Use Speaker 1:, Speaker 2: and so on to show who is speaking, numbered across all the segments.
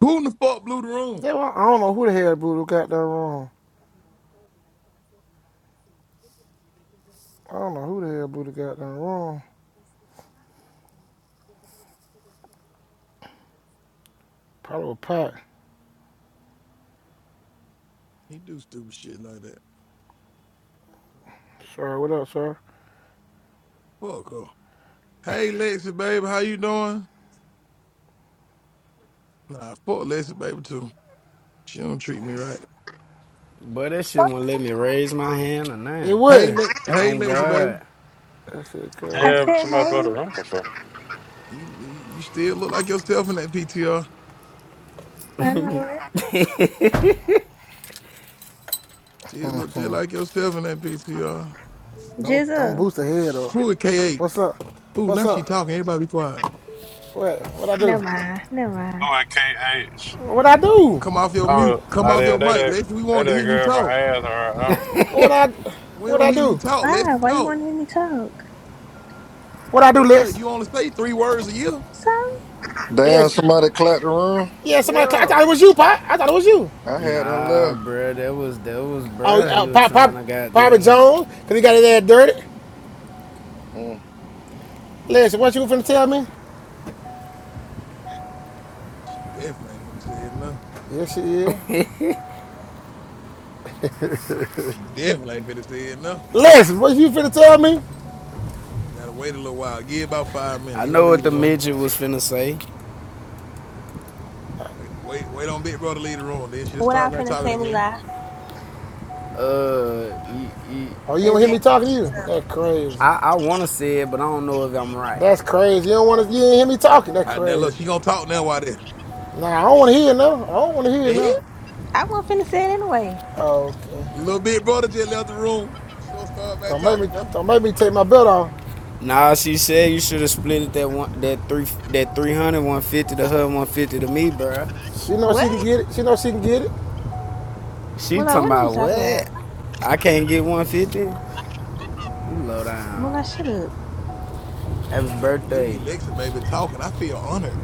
Speaker 1: Who in the fuck blew the room?
Speaker 2: They were, I don't know who the hell Buddha got that wrong. I don't know who the hell Buddha got that wrong. Probably a pot.
Speaker 1: He do stupid shit like that.
Speaker 2: Sir, what up, sir?
Speaker 1: Fuck her. Hey Lexi, baby, how you doing? Nah, fuck Lexi, baby too. She don't treat me right.
Speaker 3: But that shit won't let me raise my hand or
Speaker 2: It
Speaker 3: nothing.
Speaker 1: Hey,
Speaker 2: was.
Speaker 1: Le- hey
Speaker 3: On
Speaker 1: Lexi, baby,
Speaker 3: God.
Speaker 2: That shit,
Speaker 4: I
Speaker 2: cuz.
Speaker 5: Yeah,
Speaker 4: said,
Speaker 5: somebody blow
Speaker 4: hey,
Speaker 5: the room for sure.
Speaker 1: you you you still look like yourself in that PTR.
Speaker 4: I know it.
Speaker 1: Still look just like yourself in that PTR.
Speaker 2: Don't, don't
Speaker 4: Jizzle.
Speaker 2: boost the head up.
Speaker 1: Who is K8?
Speaker 2: What's up?
Speaker 1: Ooh,
Speaker 2: What's
Speaker 1: now she
Speaker 2: up?
Speaker 1: talking. Everybody be quiet.
Speaker 2: What? What I do?
Speaker 4: Never mind, never
Speaker 5: Oh,
Speaker 4: mind.
Speaker 5: I can't. I,
Speaker 2: What I do?
Speaker 1: Come off your mute.
Speaker 5: oh,
Speaker 1: Come
Speaker 5: I
Speaker 1: off your
Speaker 5: did. They,
Speaker 1: mic,
Speaker 5: they,
Speaker 1: Lexi. We
Speaker 5: they,
Speaker 1: wanted to
Speaker 5: they
Speaker 1: hear you
Speaker 5: girl from
Speaker 1: talk.
Speaker 5: ass right now.
Speaker 2: What I?
Speaker 1: We
Speaker 2: What
Speaker 1: don't
Speaker 2: I
Speaker 1: hear you
Speaker 2: do?
Speaker 1: talk.
Speaker 4: Why?
Speaker 1: Lexi,
Speaker 4: Why you
Speaker 1: talk.
Speaker 4: want to hear me talk?
Speaker 2: What I do,
Speaker 1: All right,
Speaker 2: Liz?
Speaker 1: you only say three words a year.
Speaker 4: So?
Speaker 6: Damn,
Speaker 2: Liz?
Speaker 6: somebody clapped the room.
Speaker 2: Yeah, somebody. I
Speaker 1: Yeah.
Speaker 2: thought it was you, Pop. I thought it was you.
Speaker 6: I had her
Speaker 3: Nah,
Speaker 6: left.
Speaker 3: bruh, that was that was
Speaker 2: Oh,
Speaker 3: bruh.
Speaker 2: uh,
Speaker 3: He was
Speaker 2: Pop, Pop,
Speaker 3: trying to
Speaker 2: Papa
Speaker 3: goddamn.
Speaker 2: Jones, cause he got his ass dirty.
Speaker 6: Mm.
Speaker 2: Liz, what you finna tell me?
Speaker 1: Definitely ain't finna say it
Speaker 2: Yes, she is.
Speaker 1: She definitely ain't finna say it now.
Speaker 2: Liz, what you finna tell me?
Speaker 1: You gotta wait a little while. Give about five minutes.
Speaker 3: I
Speaker 1: He
Speaker 3: know
Speaker 1: gonna leave
Speaker 3: what
Speaker 1: the
Speaker 3: the
Speaker 1: room.
Speaker 3: midget was finna say.
Speaker 1: Wait, wait, wait on Big Bro to leave the room. Then she'll
Speaker 4: What I
Speaker 1: start back
Speaker 4: finna
Speaker 1: talking
Speaker 4: say,
Speaker 1: again.
Speaker 4: Mula?
Speaker 3: Uh, he, he,
Speaker 2: Oh, you don't hear me
Speaker 4: Exactly.
Speaker 2: talking to you?
Speaker 4: Shut
Speaker 2: That's
Speaker 4: up.
Speaker 2: crazy.
Speaker 3: I I want to say it, but I don't know if I'm right.
Speaker 2: That's crazy. You don't want to. You didn't hear me talking. That's
Speaker 1: All right, now
Speaker 2: crazy.
Speaker 1: look, she gonna talk now while there.
Speaker 2: Nah, I don't want to hear it now. I don't want to hear it now.
Speaker 1: Eh?
Speaker 4: I wasn't finna say it anyway.
Speaker 2: Okay.
Speaker 1: Little Big Brother just left the room. She gonna start back
Speaker 2: Don't make
Speaker 1: talking
Speaker 2: me.
Speaker 1: now.
Speaker 2: Don't make me take my belt off.
Speaker 3: Nah, she said you should have split it that one that three that three hundred one fifty to her, one fifty to me, bruh.
Speaker 2: She knows she can
Speaker 4: What?
Speaker 2: get it. She knows she can get it.
Speaker 3: She
Speaker 4: Mula,
Speaker 3: talking
Speaker 4: what are you
Speaker 3: about
Speaker 4: talking about?
Speaker 3: what? I can't get one fifty. You low
Speaker 4: Mula,
Speaker 3: down.
Speaker 4: shut up.
Speaker 3: Happy
Speaker 1: I can't believe
Speaker 3: birthday.
Speaker 1: Lexa baby talking. I feel honored.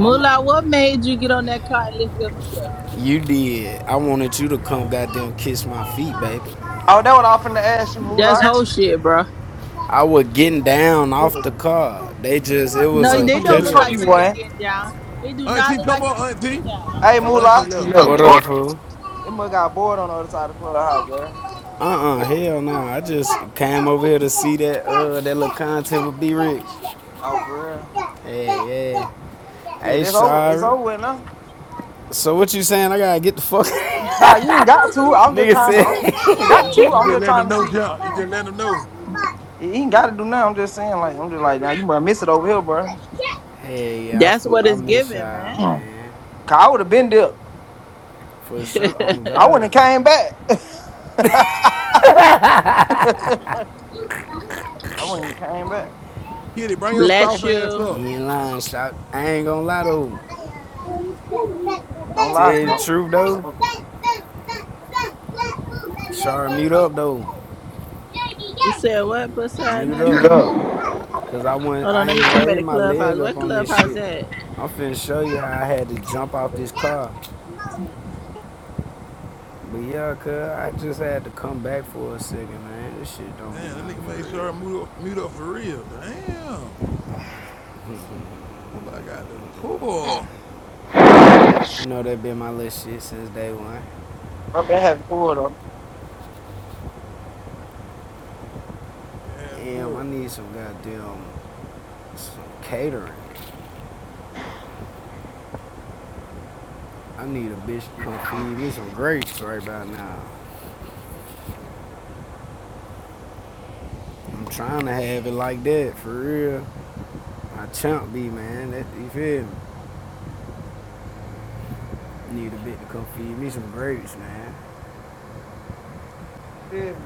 Speaker 2: I'm.
Speaker 7: what made you get on that car and lift your feet up?
Speaker 3: You did. I wanted you to come goddamn kiss my feet, baby.
Speaker 8: Oh, that what I finna ask you,
Speaker 7: That's
Speaker 8: Moolah.
Speaker 7: whole shit, bro.
Speaker 3: I was getting down off
Speaker 8: Oh,
Speaker 3: the car. They just, it was
Speaker 1: Who
Speaker 7: No,
Speaker 3: a
Speaker 7: they
Speaker 1: auntie is
Speaker 7: don't look
Speaker 3: picture.
Speaker 1: here?
Speaker 7: like
Speaker 8: you
Speaker 3: huh?
Speaker 7: you was
Speaker 8: won.
Speaker 7: getting down. They do not
Speaker 1: Auntie,
Speaker 7: look
Speaker 1: come
Speaker 7: like you
Speaker 1: on,
Speaker 7: was getting
Speaker 1: auntie.
Speaker 8: Hey,
Speaker 1: Oh,
Speaker 7: down.
Speaker 1: auntie,
Speaker 8: Moolah.
Speaker 1: love.
Speaker 3: What
Speaker 8: No.
Speaker 3: up, fool?
Speaker 8: It must got bored on the other side of the clubhouse, bro.
Speaker 3: Uh-uh, hell no. Nah. I just came over here to see that uh that little content would be rich.
Speaker 8: Oh, for real.
Speaker 3: Yeah, yeah.
Speaker 8: Shit,
Speaker 3: Hey,
Speaker 8: it's over. It's
Speaker 3: sorry.
Speaker 8: over with now.
Speaker 3: So what you saying? I gotta get the fuck
Speaker 8: Nah, you ain't got to. I'm just
Speaker 3: Nigga
Speaker 8: trying to.
Speaker 3: said
Speaker 8: I'm, you ain't
Speaker 1: You
Speaker 8: got
Speaker 1: just,
Speaker 8: to.
Speaker 1: you
Speaker 8: I'm
Speaker 1: just
Speaker 8: just
Speaker 1: let
Speaker 8: trying
Speaker 1: them
Speaker 8: to
Speaker 1: know,
Speaker 8: see.
Speaker 1: John. You just let them know.
Speaker 8: You ain't got to do nothing. I'm just saying, like, I'm just like, now you must miss it over here, bro.
Speaker 3: Hey, yeah, I,
Speaker 7: That's
Speaker 3: fu-
Speaker 7: what
Speaker 3: I
Speaker 7: it's
Speaker 3: miss
Speaker 7: giving,
Speaker 3: y'all,
Speaker 7: man.
Speaker 8: Mm.
Speaker 3: man.
Speaker 8: Cause I would have been there.
Speaker 3: For sure, on
Speaker 8: I wouldn't have
Speaker 3: God.
Speaker 8: came back. I wouldn't have came back.
Speaker 1: Kitty, bring your
Speaker 7: Bless
Speaker 1: soft ass
Speaker 7: you.
Speaker 1: up.
Speaker 3: You ain't lying, shot. I ain't gonna lie, though.
Speaker 8: Don't
Speaker 3: Tell
Speaker 8: lie.
Speaker 3: you the
Speaker 8: Don't.
Speaker 3: truth, though.
Speaker 8: Don't.
Speaker 3: Sure, mute up though.
Speaker 7: You said what, pussy ass
Speaker 3: Mute
Speaker 8: You
Speaker 3: up.
Speaker 8: go.
Speaker 3: Cause I went
Speaker 7: Hold on,
Speaker 3: I
Speaker 7: let me
Speaker 3: ain't
Speaker 7: come back
Speaker 3: raised
Speaker 7: to
Speaker 3: my leg
Speaker 7: Clubhouse.
Speaker 3: up
Speaker 7: What
Speaker 3: on this
Speaker 7: Clubhouse
Speaker 3: shit.
Speaker 7: at?
Speaker 3: I'm finna show you how I had to jump off this car. But yeah, cuz I just had to come back for a second, man. This shit don't be
Speaker 1: Damn, that
Speaker 3: nothing
Speaker 1: nigga made
Speaker 3: for
Speaker 1: sure I
Speaker 3: real.
Speaker 1: mute up, mute up for real. Damn. Ooh, I got the poor.
Speaker 3: You know that been my little shit since day one.
Speaker 8: Up there having four though.
Speaker 1: Man,
Speaker 3: Damn, I
Speaker 1: poor.
Speaker 3: need some goddamn some catering. I need a bitch to come feed me some grapes right about now. I'm trying to have it like that for real. I chump be man, that you feel me? Need a bit to come feed me some grapes, man.
Speaker 8: Yeah.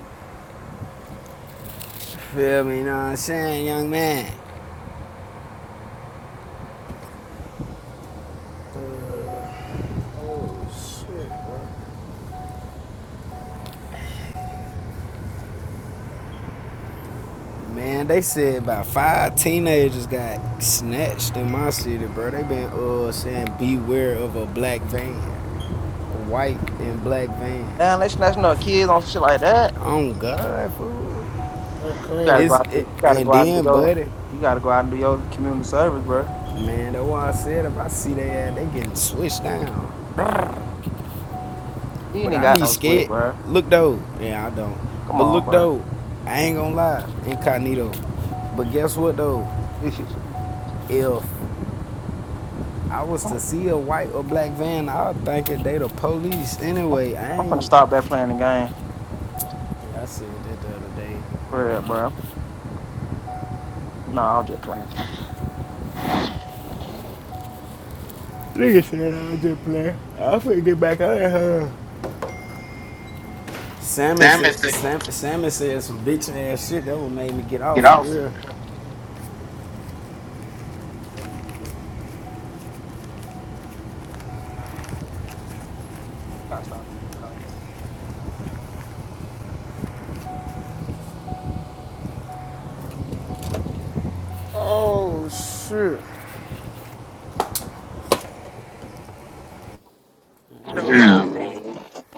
Speaker 3: Feel me? You know what I'm saying, young man?
Speaker 2: Oh shit.
Speaker 3: Man, they said about five teenagers got snatched in my city, bro. They been uh saying beware of a black van, a white and black van.
Speaker 8: Damn, let's not no kids on some shit like that.
Speaker 3: Oh God, fool.
Speaker 2: That's
Speaker 8: You gotta
Speaker 2: crazy.
Speaker 8: go
Speaker 3: It's
Speaker 8: out. and do-
Speaker 3: it,
Speaker 8: You gotta go
Speaker 3: and
Speaker 8: out and
Speaker 3: then,
Speaker 8: go.
Speaker 3: buddy,
Speaker 8: You gotta go out and do your community service, bro.
Speaker 3: man, that's why I said if I see they ass, they getting switched down. Brrr.
Speaker 8: You ain't
Speaker 3: But
Speaker 8: even
Speaker 3: I
Speaker 8: got
Speaker 3: be
Speaker 8: no split,
Speaker 3: scared.
Speaker 8: bro.
Speaker 3: Look though, yeah, I don't.
Speaker 8: Come
Speaker 3: But
Speaker 8: on,
Speaker 3: look
Speaker 8: bro.
Speaker 3: though, I ain't gonna lie, incognito. But guess what though? If I was
Speaker 8: I'm,
Speaker 3: to see a white or black van, I'd think that they the police
Speaker 8: I'm,
Speaker 3: anyway. I
Speaker 8: I'm gonna
Speaker 3: ain't.
Speaker 8: stop that playing the game
Speaker 3: Yeah, I said that the other day. I
Speaker 8: for
Speaker 3: don't
Speaker 8: real,
Speaker 3: know.
Speaker 8: bro. No, I'll get playing.
Speaker 3: Nigga said I was just playing. I finna get back out of here. Sammy said Sam, Sammy said some bitch ass shit that would made me get
Speaker 8: Get
Speaker 3: off for
Speaker 8: off.
Speaker 3: real.
Speaker 8: Yeah, be- you Gotta stop.
Speaker 2: Oh shit.
Speaker 8: Damn.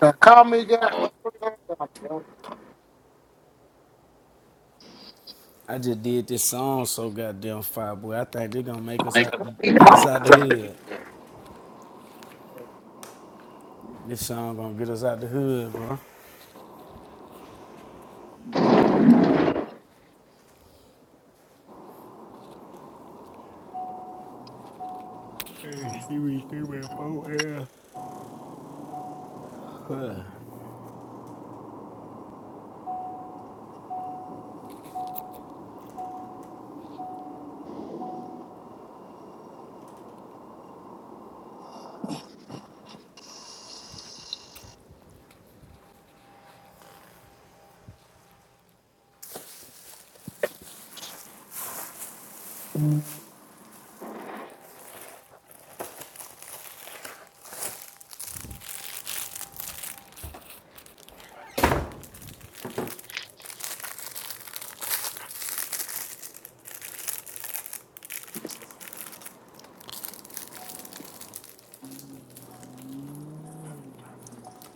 Speaker 2: Now call me, guy.
Speaker 3: I just did this song so goddamn fire boy. I think they gonna make us out, get us out the hood. This song gonna get us out the hood, bro. Hey, she be screaming for air. Huh,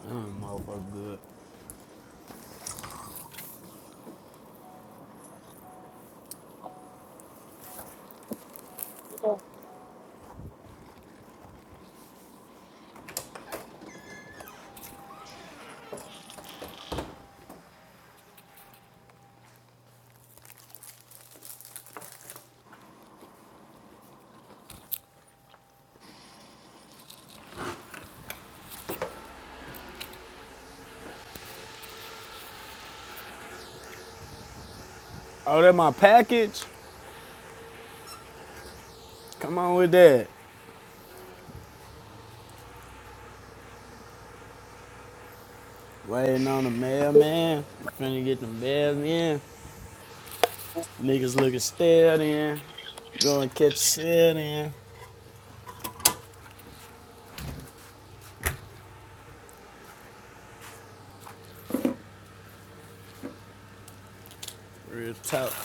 Speaker 3: I'm motherfucker good. Oh, that my package? Come on with that. Waiting on the mailman. Finna get the mail in. Niggas looking stale then. Go and catch a sale then. Real talk.